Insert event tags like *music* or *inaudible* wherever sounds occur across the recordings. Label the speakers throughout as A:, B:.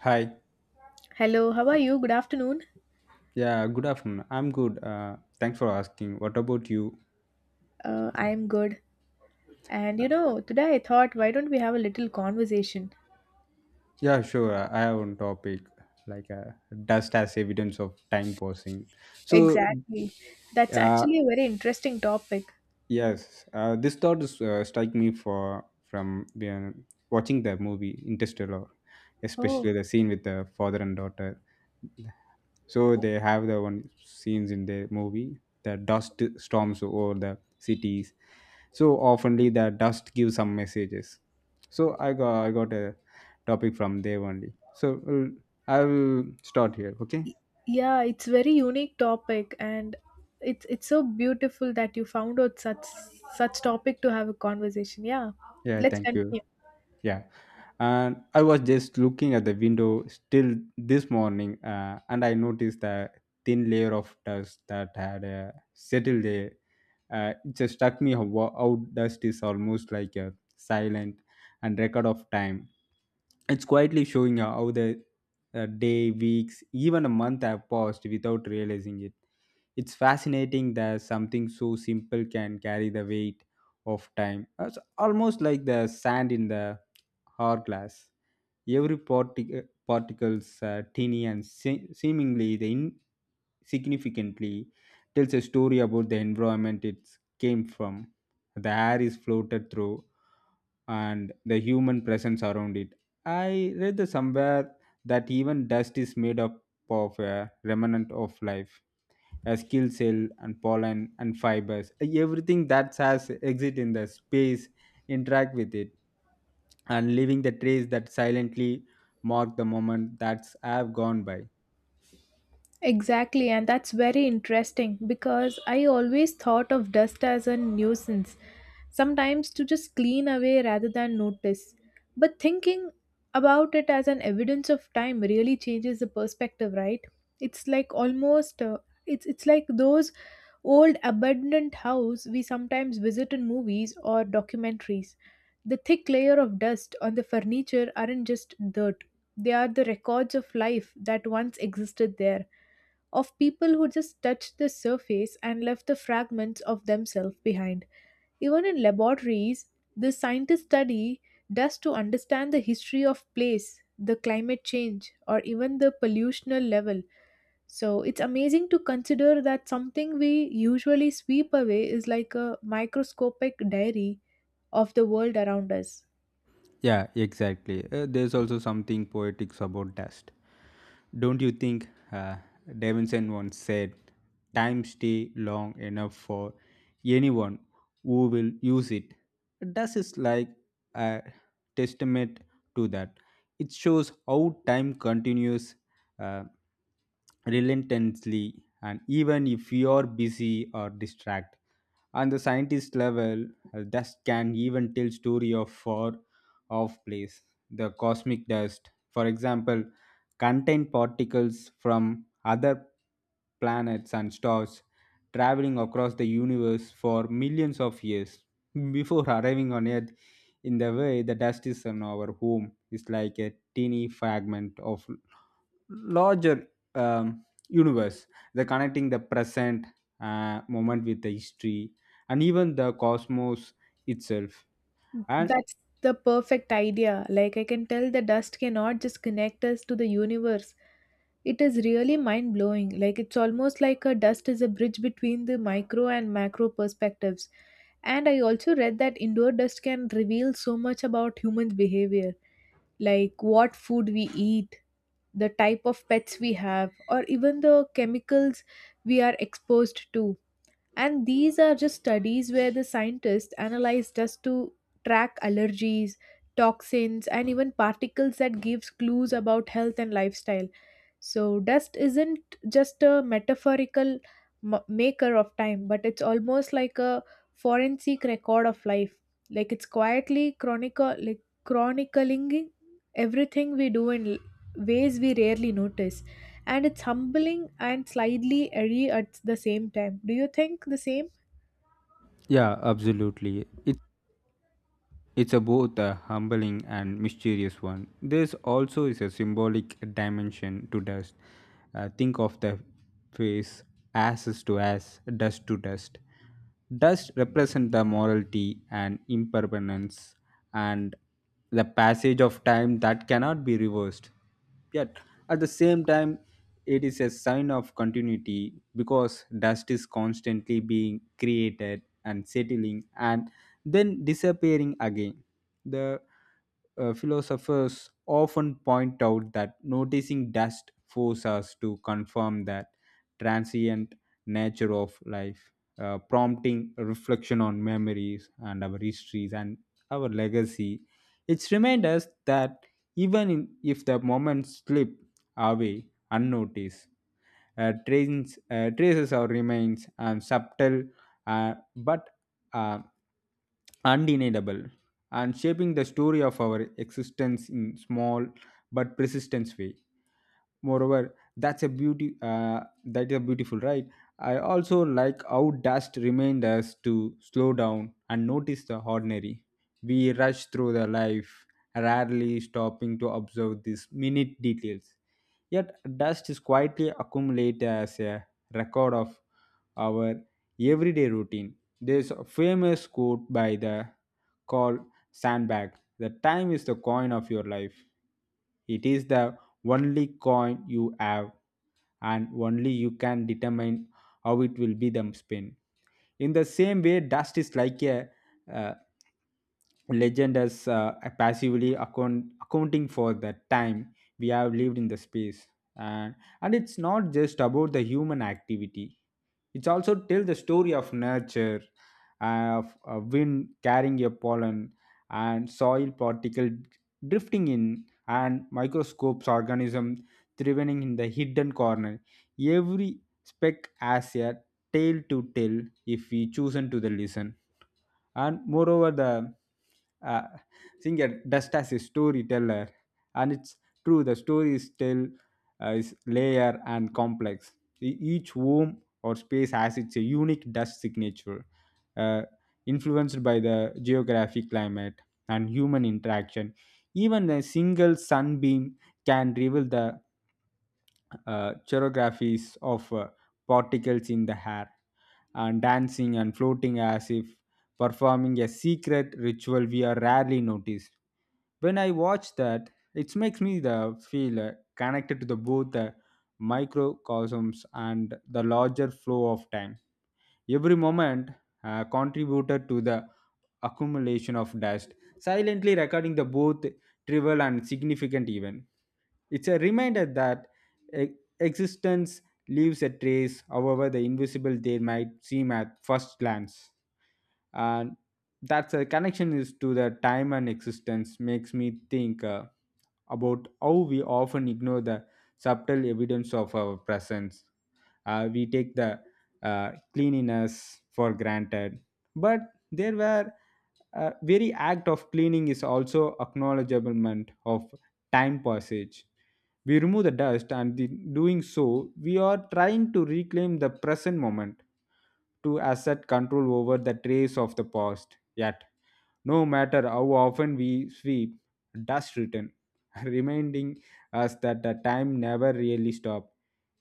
A: Hi.
B: Hello, how are you? Good afternoon.
A: Yeah, good afternoon. I'm good. Thanks for asking. What about you?
B: I am good. And you know, today I thought, why don't we have a little conversation?
A: Yeah, sure. I have one topic like dust as evidence of time passing. So,
B: Exactly. That's actually
A: uh,
B: a very interesting topic.
A: yes, this thought is strike me for from watching the movie Interstellar,
B: Oh,
A: especially the scene with the father and daughter. So they have the one scenes in the movie. The dust storms over the cities so oftenly the dust gives some messages so I got a topic from there only so I'll start here okay
B: yeah, it's very unique topic, and it's so beautiful that you found out such such topic to have a conversation. Yeah,
A: yeah
B: let's
A: thank you.
B: continue.
A: Yeah. And I was just looking at the window still this morning and I noticed a thin layer of dust that had settled there. It just struck me how dust is almost like a silent and record of time. It's quietly showing how the day, weeks, even a month have passed without realizing it. It's fascinating that something so simple can carry the weight of time. It's almost like the sand in the hourglass. Every particles, tiny and seemingly the insignificantly, tells a story about the environment it came from. The air is floated through, and the human presence around it. I read the somewhere that even dust is made up of a remnant of life, a skill cell and pollen and fibers, everything that has exit in the space interact with it and leaving the trace that silently mark the moment that's have gone by.
B: Exactly, and that's very interesting because I always thought of dust as a nuisance, sometimes to just clean away rather than notice. But thinking about it as an evidence of time really changes the perspective, right? It's like almost it's like those old abandoned house we sometimes visit in movies or documentaries. The thick layer of dust on the furniture aren't just dirt. They are the records of life that once existed there of people who just touched the surface and left the fragments of themselves behind. Even in laboratories, the scientists study dust to understand the history of place, the climate change, or even the pollutional level. So it's amazing to consider that something we usually sweep away is like a microscopic diary of the world around us.
A: Yeah, exactly. There's also something poetic about dust. Don't you think? Davidson once said, time stay long enough for anyone who will use it. Thus is like a testament to that. It shows how time continues uh, relentlessly, and even if you are busy or distracted. On the scientist level, dust can even tell story of far off place. The cosmic dust, for example, contain particles from other planets and stars traveling across the universe for millions of years *laughs* before arriving on earth in the way the dust is on our home is like a teeny fragment of larger universe the connecting the present moment with the history and even the cosmos itself and
B: That's the perfect idea. Like, I can tell the dust cannot just connect us to the universe. It is really mind blowing. Like, it's almost like a dust is a bridge between the micro and macro perspectives. And I also read that indoor dust can reveal so much about humans' behavior, like what food we eat, the type of pets we have, or even the chemicals we are exposed to. And these are just studies where the scientists analyze dust to track allergies, toxins, and even particles that gives clues about health and lifestyle. So, dust isn't just a metaphorical maker of time, but it's almost like a forensic record of life. Like it's quietly chronicle, like chronicling everything we do in ways we rarely notice, and it's humbling and slightly eerie at the same time. Do you think the same?
A: yeah absolutely. It's a both a humbling and mysterious one. This also is a symbolic dimension to dust. Think of the phrase ashes to ash, dust to dust. Dust represents the morality and impermanence and the passage of time that cannot be reversed. Yet, at the same time, it is a sign of continuity because dust is constantly being created and settling and then disappearing again. The philosophers often point out that noticing dust forces us to confirm that transient nature of life, prompting reflection on memories and our histories and our legacy. It's remind us that even in, if the moments slip away unnoticed. Trains, traces or remains and subtle but uh, undeniable and shaping the story of our existence in small but persistent way moreover that's a beauty that is beautiful right. I also like how dust reminds us to slow down and notice the ordinary we rush through the life rarely stopping to observe these minute details. Yet, dust is quietly accumulated as a record of our everyday routine. There's a famous quote by the called Sandbag. The time is the coin of your life. It is the only coin you have, and only you can determine how it will be the spin. In the same way, dust is like a uh, legend as passively accounting for the time we have lived in the space and it's not just about the human activity it's also tell the story of nurture of a wind carrying a pollen and soil particle drifting in and microscopes organism thriving in the hidden corner. Every speck has a tale to tell if we chosen to the listen and moreover the uh, singer dust as a storyteller and it's true the story is still is layer and complex. Each home or space has its unique dust signature uh, influenced by the geographic climate and human interaction. Even a single sunbeam can reveal the choreographies of particles in the hair and dancing and floating as if performing a secret ritual we are rarely noticed. When I watch that, it makes me the feel connected to the both the microcosms and the larger flow of time. Every moment contributed to the accumulation of dust, silently recording the both trivial and significant event. It's a reminder that E- existence leaves a trace, however, the invisible they might seem at first glance. And that's a connection is to the time and existence makes me think about how we often ignore the subtle evidence of our presence. We take the cleanliness for granted, but there were very act of cleaning is also acknowledgement of time passage. We remove the dust and the doing so we are trying to reclaim the present moment to assert control over the trace of the past yet no matter how often we sweep dust return *laughs* reminding us that the time never really stops.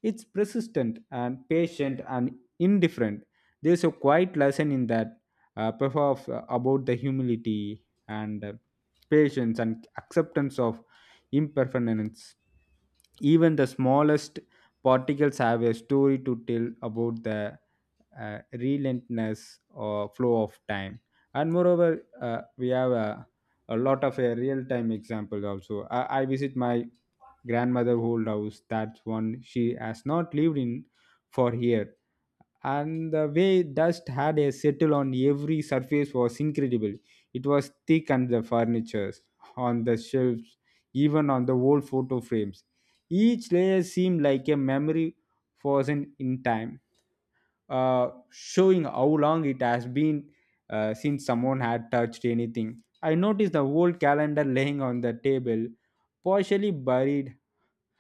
A: It's persistent and patient and indifferent. There's a quiet lesson in that perhaps about the humility and patience and acceptance of impermanence. Even the smallest particles have a story to tell about the relentless flow of time. And moreover, we have a lot of a real-time example also. I visit my grandmother old house. That's one she has not lived in for years and the way dust had a settle on every surface was incredible. It was thick on the furniture, on the shelves, even on the old photo frames. Each layer seemed like a memory frozen in time, showing how long it has been since someone had touched anything. I noticed the old calendar laying on the table, partially buried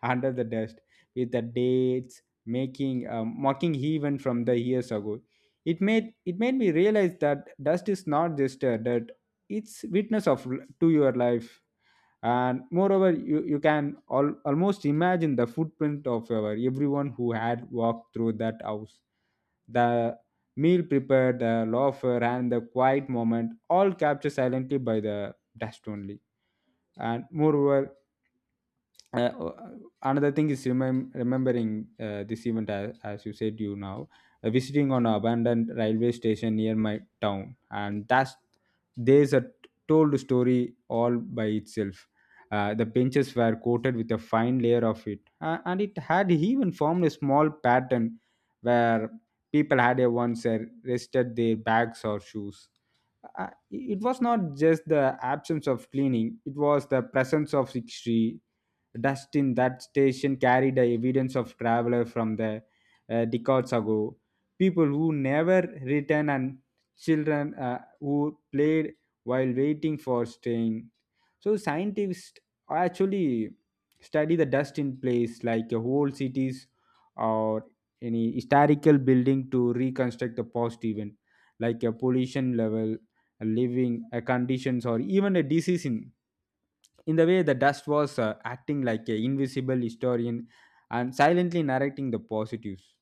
A: under the dust with the dates making mocking even from the years ago. It made me realize that dust is not just a dirt. It's witness of to your life and moreover you can almost imagine the footprint of our everyone who had walked through that house. The meal prepared the laughter and the quiet moment all captured silently by the dust only. And moreover uh, another thing is remembering this event as you said you now visiting on an abandoned railway station near my town and that's there's a told story all by itself. The benches were coated with a fine layer of it and it had even formed a small pattern where people had a once rested their bags or shoes. It was not just the absence of cleaning. It was the presence of history. Dust in that station carried the evidence of traveler from the decades ago, people who never returned, and children who played while waiting for train. So scientists actually study the dust in place like a whole cities or any historical building to reconstruct the past event like a pollution level, living a conditions, or even a disease in. In the way, the dust was acting like an invisible historian and silently narrating the positives.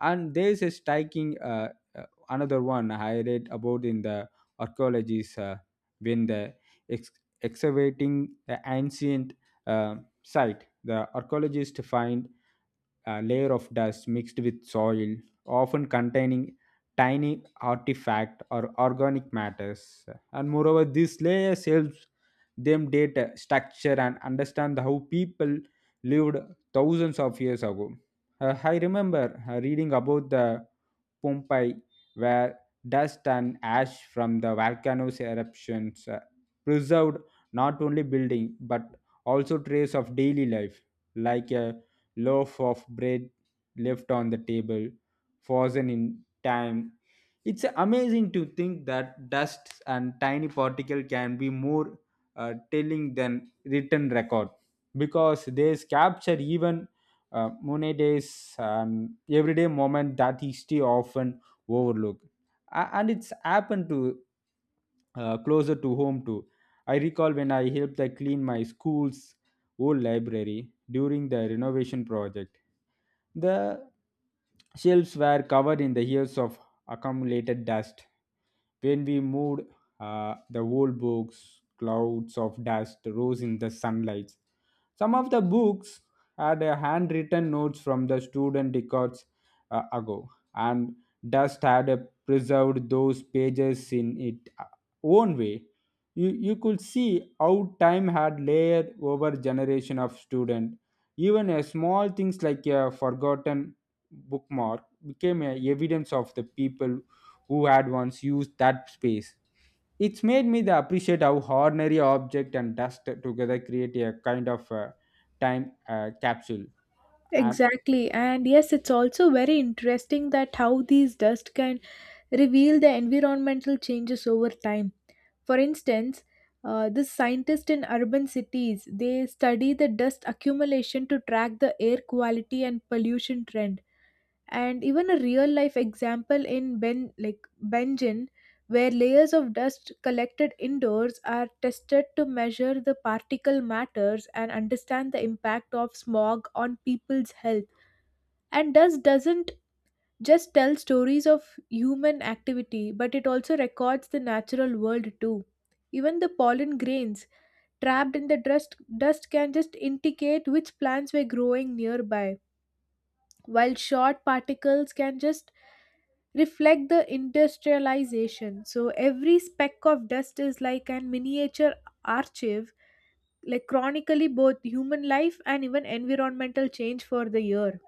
A: And there is a striking uh, another one I read about in the archaeologists when the ex- excavating the ancient site, the archaeologists find a layer of dust mixed with soil, often containing tiny artifact or organic matters. And moreover, this layer helps them data structure and understand how people lived thousands of years ago. I remember reading about the Pompeii where dust and ash from the volcano's eruptions preserved not only building but also trace of daily life like a loaf of bread left on the table frozen in time. It's amazing to think that dust and tiny particle can be more telling than written record because they capture even monetized and everyday moment that history often overlook. And it's happened to closer to home too. I recall when I helped I clean my school's old library during the renovation project. The shelves were covered in the years of accumulated dust. When we moved the old books, clouds of dust rose in the sunlight. Some of the books had handwritten notes from the student records ago, and dust had preserved those pages in its own way. You could see how time had layered over generation of student. Even a small things like a forgotten bookmark became a evidence of the people who had once used that space. It's made me the appreciate how ordinary object and dust together create a kind of time capsule.
B: Exactly, and yes, it's also very interesting that how these dust can reveal the environmental changes over time. For instance, the scientists in urban cities they study the dust accumulation to track the air quality and pollution trend. And even a real life example in Benjin, where layers of dust collected indoors are tested to measure the particle matters and understand the impact of smog on people's health. And dust doesn't just tells stories of human activity, but it also records the natural world too. Even the pollen grains trapped in the dust, can just indicate which plants were growing nearby, while short particles can just reflect the industrialization. So every speck of dust is like a miniature archive, like chronically both human life and even environmental change for the year.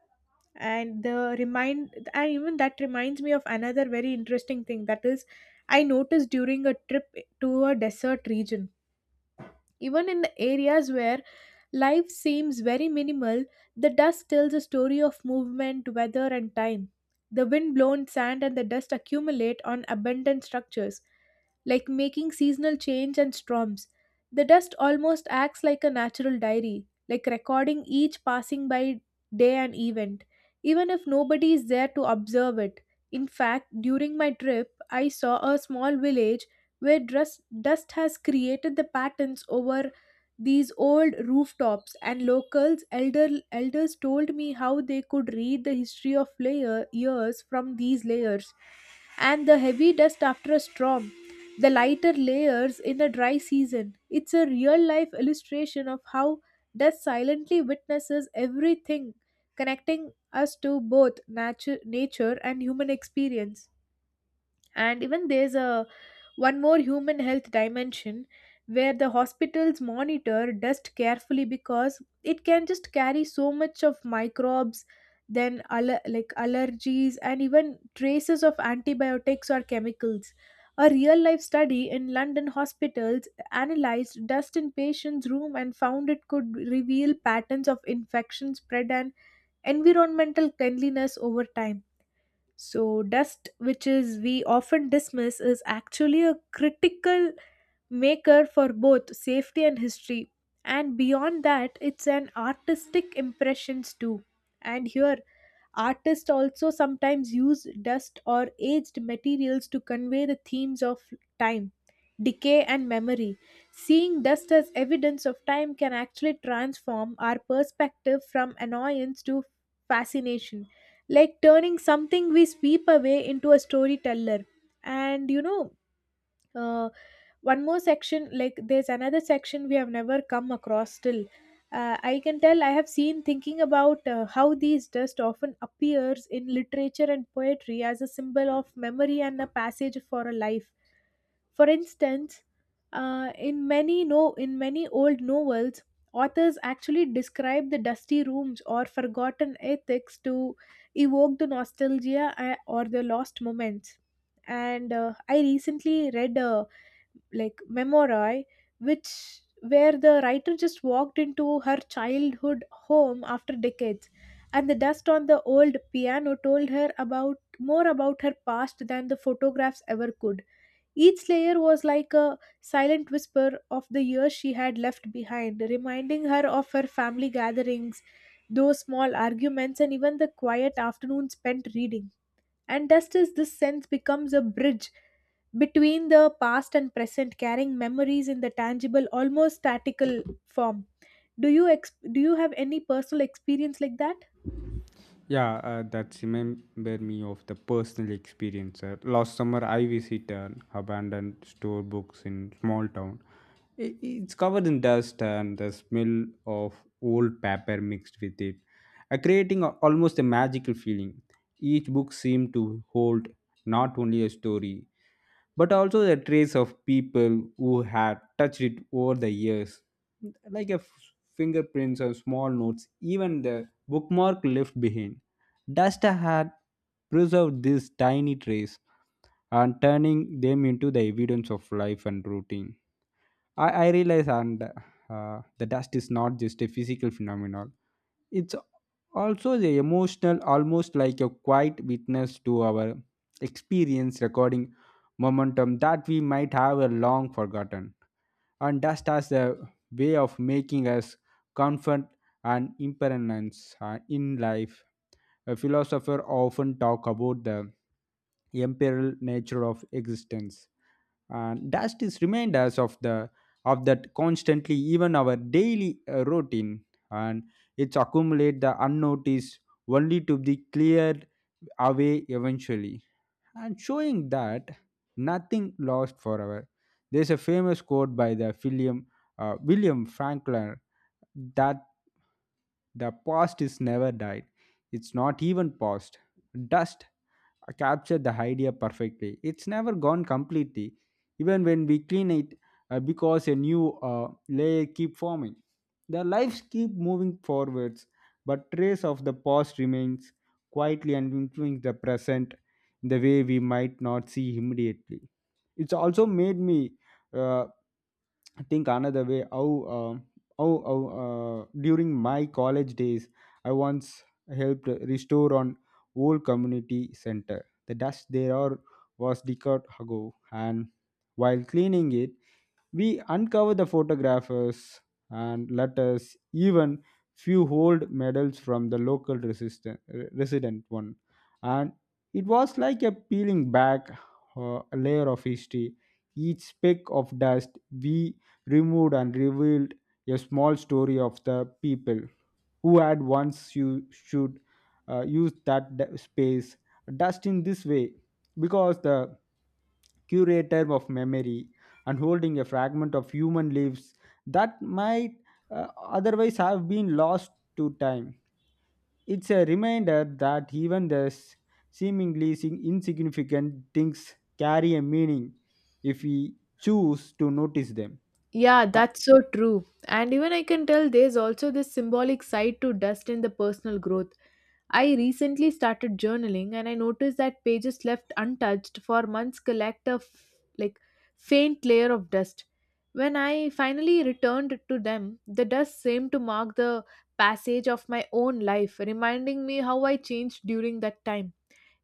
B: And the remind and even that reminds me of another very interesting thing, that is I noticed during a trip to a desert region. Even in the areas where life seems very minimal, the dust tells a story of movement, weather, and time. The wind blown sand and the dust accumulate on abandoned structures, like making seasonal change and storms. The dust almost acts like a natural diary, like recording each passing by day and event, even if nobody is there to observe it. In fact, during my trip, I saw a small village where dust has created the patterns over these old rooftops, and locals elder elders told me how they could read the history of layer years from these layers, and the heavy dust after a storm, the lighter layers in a dry season. It's a real life illustration of how dust silently witnesses everything, connecting us to both nature and human experience. And even there's a one more human health dimension where the hospitals monitor dust carefully because it can just carry so much of microbes, then like allergies and even traces of antibiotics or chemicals. A real life study in London hospitals analyzed dust in patients room and found it could reveal patterns of infection spread and environmental cleanliness over time. So, dust, which is we often dismiss, is actually a critical maker for both safety and history. And beyond that, it's an artistic impressions too. And here, artists also sometimes use dust or aged materials to convey the themes of time, decay, and memory. Seeing dust as evidence of time can actually transform our perspective from annoyance to fascination, like turning something we sweep away into a storyteller. And you know, uh, one more section, like there's another section we have never come across till I can tell I have seen thinking about how these dust often appears in literature and poetry as a symbol of memory and a passage for a life. For instance, in many no in many old novels, authors actually describe the dusty rooms or forgotten ethics to evoke the nostalgia or the lost moments. And I recently read a like memoroi, which where the writer just walked into her childhood home after decades, and the dust on the old piano told her about more about her past than the photographs ever could. Each layer was like a silent whisper of the years she had left behind, reminding her of her family gatherings, those small arguments, and even the quiet afternoon spent reading. And just as this sense becomes a bridge between the past and present, carrying memories in the tangible, almost statical form. Do you have any personal experience like that?
A: Yeah, that's remember me of the personal experience. Last summer, I visited an abandoned store books in small town. It's covered in dust and the smell of old paper mixed with it, creating a, almost a magical feeling. Each book seemed to hold not only a story, but also the trace of people who had touched it over the years, like a fingerprints or small notes, even the bookmark left behind. Dust had preserved these tiny traces and turning them into the evidence of life and routine. I realize and the dust is not just a physical phenomenon. It's also the emotional, almost like a quiet witness to our experience recording momentum that we might have a long forgotten. And dust has a way of making us confident and impermanence in life a philosopher often talk about the imperial nature of existence and that is remind us of the of that constantly even our daily routine and it's accumulate the unnoticed only to be cleared away eventually and showing that nothing lost forever. There's a famous quote by the william william franklin that the past is never died. It's not even past. Dust captured the idea perfectly. It's never gone completely, even when we clean it, because a new layer keep forming. The lives keep moving forwards, but trace of the past remains quietly and influence the present in the way we might not see immediately. It's also made me uh, think another way how. um Oh, oh, During my college days, I once helped restore an old community center. The dust there are- Was decades ago, and while cleaning it, we uncover the photographers and letters, even few old medals from the local resistant, resident one. And it was like a peeling back a layer of history. Each speck of dust we removed and revealed a small story of the people who had once you should use that space dust in this way because the curator of memory and holding a fragment of human lives that might otherwise have been lost to time. It's a reminder that even the seemingly insignificant things carry a meaning if we choose to notice them.
B: Yeah, that's so true. And even I can tell there's also this symbolic side to dust in the personal growth. I recently started journaling and I noticed that pages left untouched for months collect a like faint layer of dust. When I finally returned to them, the dust seemed to mark the passage of my own life, reminding me how I changed during that time.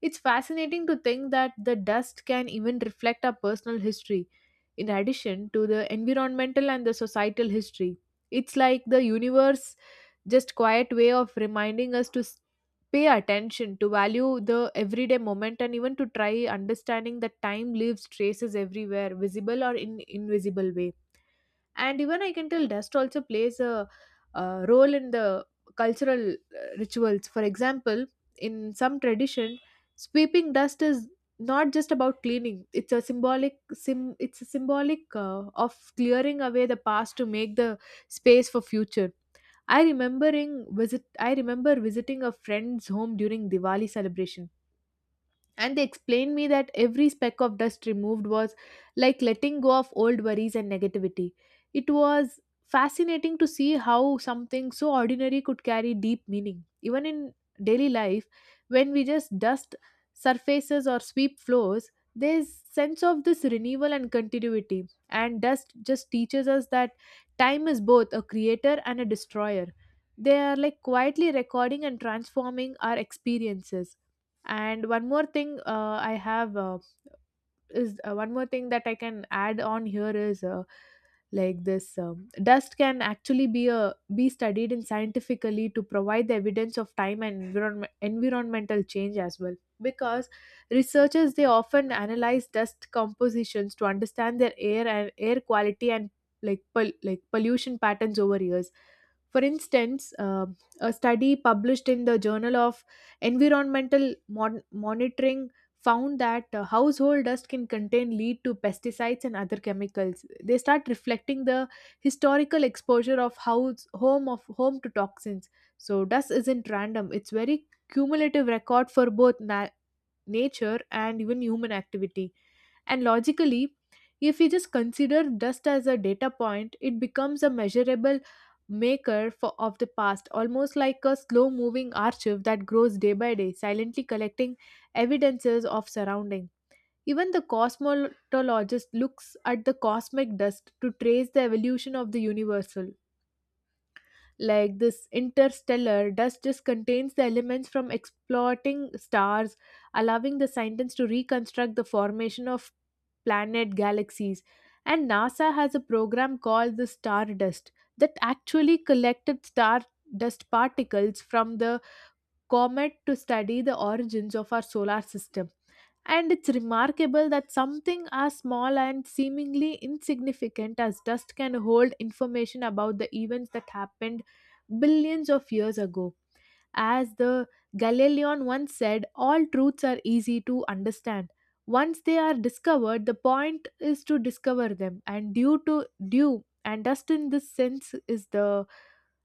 B: It's fascinating to think that the dust can even reflect our personal history, in addition to the environmental and the societal history. It's like the universe just quiet way of reminding us to pay attention, to value the everyday moment, and even to try understanding that time leaves traces everywhere, visible or in invisible way. And even I can tell dust also plays a, role in the cultural rituals. For example, in some tradition, sweeping dust is not just about cleaning. It's a symbolic sim. It's a symbolic of clearing away the past to make the space for future. I remember visiting a friend's home during Diwali celebration, and they explained me that every speck of dust removed was like letting go of old worries and negativity. It was fascinating to see how something so ordinary could carry deep meaning even in daily life. When we just dust surfaces or sweep floors, there's sense of this renewal and continuity, and dust just teaches us that time is both a creator and a destroyer. They are like quietly recording and transforming our experiences. And one more thing I have is one more thing that I can add on here is like this dust can actually be studied in scientifically to provide the evidence of time and environmental change as well, because researchers they often analyze dust compositions to understand their air quality and like pollution patterns over years. For instance, a study published in the journal of environmental monitoring found that household dust can contain lead to pesticides and other chemicals. They start reflecting the historical exposure of house home of home to toxins. So dust isn't random; it's very cumulative record for both nature and even human activity. And logically, if we just consider dust as a data point, it becomes a measurable maker for, of the past, almost like a slow moving archive that grows day by day, silently collecting evidences of surrounding. Even the cosmologist looks at the cosmic dust to trace the evolution of the universal, like this interstellar dust just contains the elements from exploding stars, allowing the scientists to reconstruct the formation of planet galaxies. And NASA has a program called the Stardust that actually collected star dust particles from the comet to study the origins of our solar system. And it's remarkable that something as small and seemingly insignificant as dust can hold information about the events that happened billions of years ago. As the Galilean once said, all truths are easy to understand. Once they are discovered, the point is to discover them. And due to due and dust in this sense is the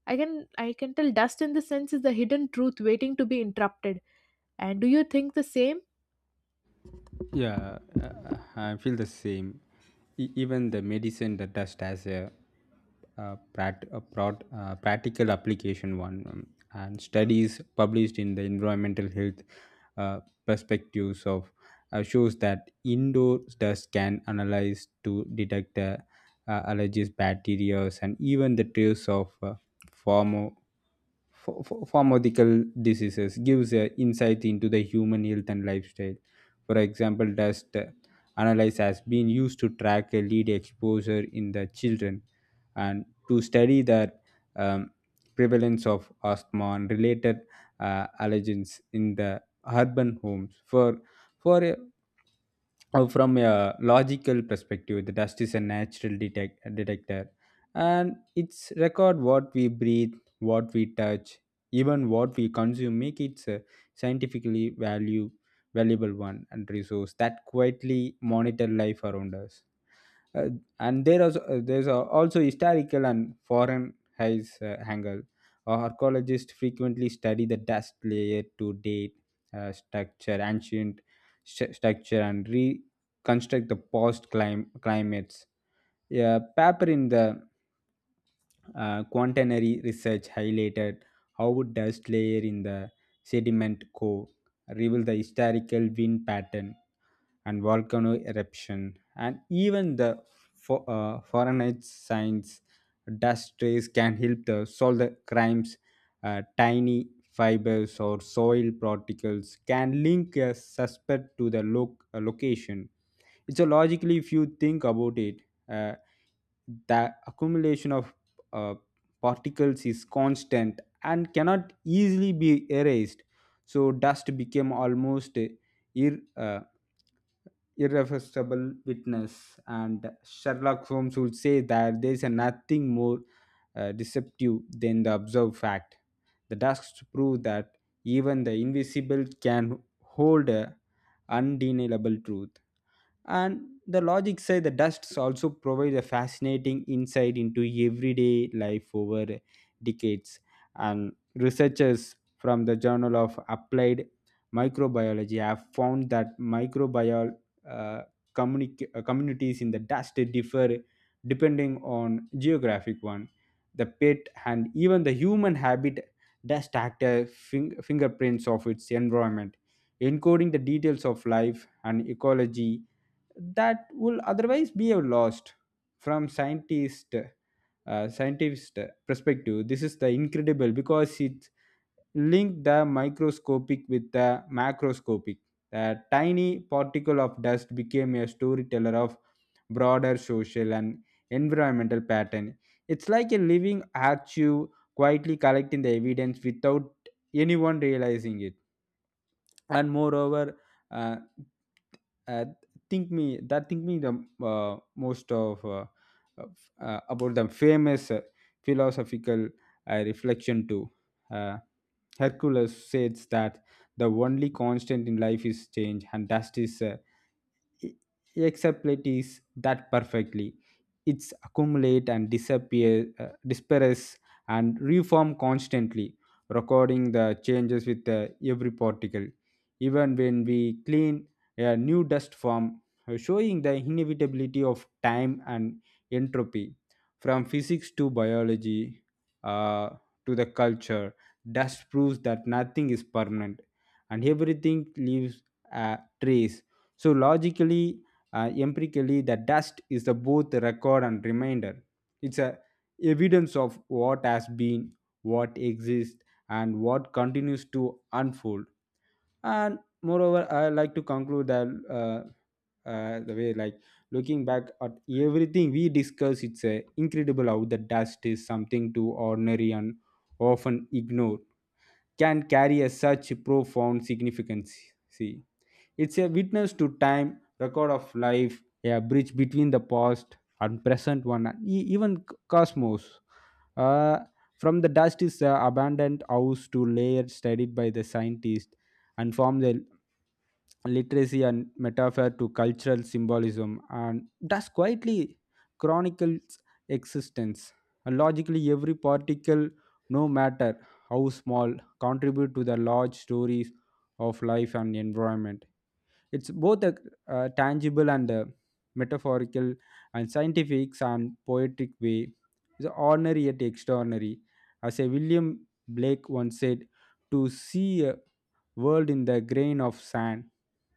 B: I can tell dust in the sense is the hidden truth waiting to be interrupted. And do you think the same?
A: Yeah, I feel the same. Even the medicine that dust has a, practical application one, and studies published in the environmental health uh, perspectives of shows that indoor dust can analyze to detect allergies, bacteria, and even the trace of pharma pharmaceutical diseases gives a insight into the human health and lifestyle. For example, dust analysis has been used to track a lead exposure in the children and to study the um, prevalence of asthma and related allergens in the urban homes. For a From a logical perspective, the dust is a natural detector and it's record what we breathe, what we touch, even what we consume, make it scientifically value valuable one and resource that quietly monitor life around us. uh, and there is there's a- also historical and foreign eyes angle. Archaeologists frequently study the dust layer to date structure, ancient structure, and reconstruct the past climates. A paper in the quaternary research highlighted how dust layer in the sediment core reveal the historical wind pattern and volcano eruption, and even the forensic science dust trace can help the solve the crimes. Tiny fibers or soil particles can link a suspect to the location. It's a logically, if you think about it, uh, the accumulation of uh, particles is constant and cannot easily be erased. So dust became almost ir- uh, irrefutable witness and sherlock holmes would say that there is nothing more deceptive than the observed fact. The tasks prove that even the invisible can hold a undeniable truth, and the logic say the dusts also provide a fascinating insight into everyday life over decades. And researchers from the journal of applied microbiology have found that microbial uh, communities in the dust differ depending on geographic one, the pet and even the human habit. Dust actor fingerprints of its environment, encoding the details of life and ecology that will otherwise be lost. From scientist scientist perspective this is the incredible because it link the microscopic with the macroscopic. The tiny particle of dust became a storyteller of broader social and environmental pattern. It's like a living archive quietly collecting the evidence without anyone realizing it. And moreover uh, uh, think me that think me the most of, about the famous philosophical reflection too. uh, Hercules says that the only constant in life is change and that is e- explains that perfectly. It's accumulate and disappear, disperse and reform constantly, recording the changes with every particle. Even when we clean a new dust form, showing the inevitability of time and entropy. From physics to biology uh, to the culture, dust proves that nothing is permanent and everything leaves a trace. So logically, empirically, the dust is the both record and reminder. It's a evidence of what has been, what exists, and what continues to unfold. And moreover, I like to conclude that the way like looking back at everything we discuss, it's incredible how the dust is something too ordinary and often ignored can carry a such profound significance. See. It's a witness to time, record of life, a bridge between the past and present one, and even cosmos. Uh, from the dust is an abandoned house to layer studied by the scientist, and from the literacy and metaphor to cultural symbolism and thus quietly chronicles existence. And logically, every particle, no matter how small, contribute to the large stories of life and environment. It's both a, tangible and a metaphorical and scientific and poetic way. It's ordinary yet extraordinary. As a William Blake once said, to see a world in the grain of sand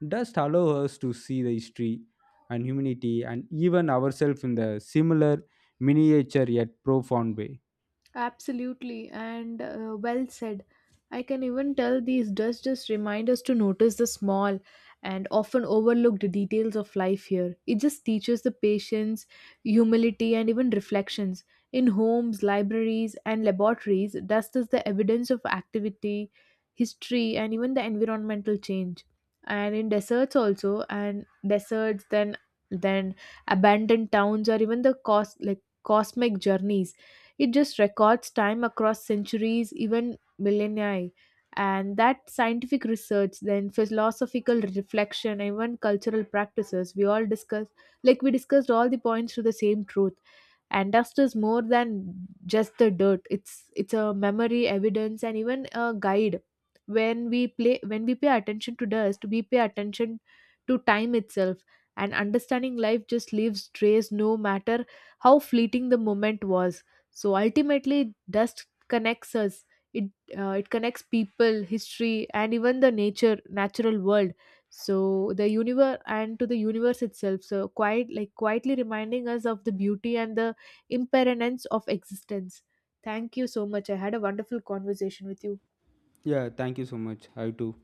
A: does allow us to see the history and humanity and even ourselves in the similar miniature yet profound way.
B: Absolutely, and well said. I can even tell these does just remind us to notice the small and often overlooked details of life here. It just teaches the patience, humility, and even reflections. In homes, libraries, and laboratories, dust is the evidence of activity, history, and even the environmental change. And in deserts also, and deserts, then abandoned towns, or even the cosmic journeys, it just records time across centuries, even millennia. And that scientific research, then philosophical reflection, and even cultural practices, we discussed all the points to the same truth. And dust is more than just the dirt. It's a memory, evidence, and even a guide. When we pay attention to dust, we pay attention to time itself. And understanding life just leaves trace, no matter how fleeting the moment was. So ultimately dust connects us, it it connects people, history, and even the nature natural world, so the universe, and to the universe itself, so quite like quietly reminding us of the beauty and the impermanence of existence. Thank you so much, I had a wonderful conversation with you.
A: Yeah, thank you so much. I too.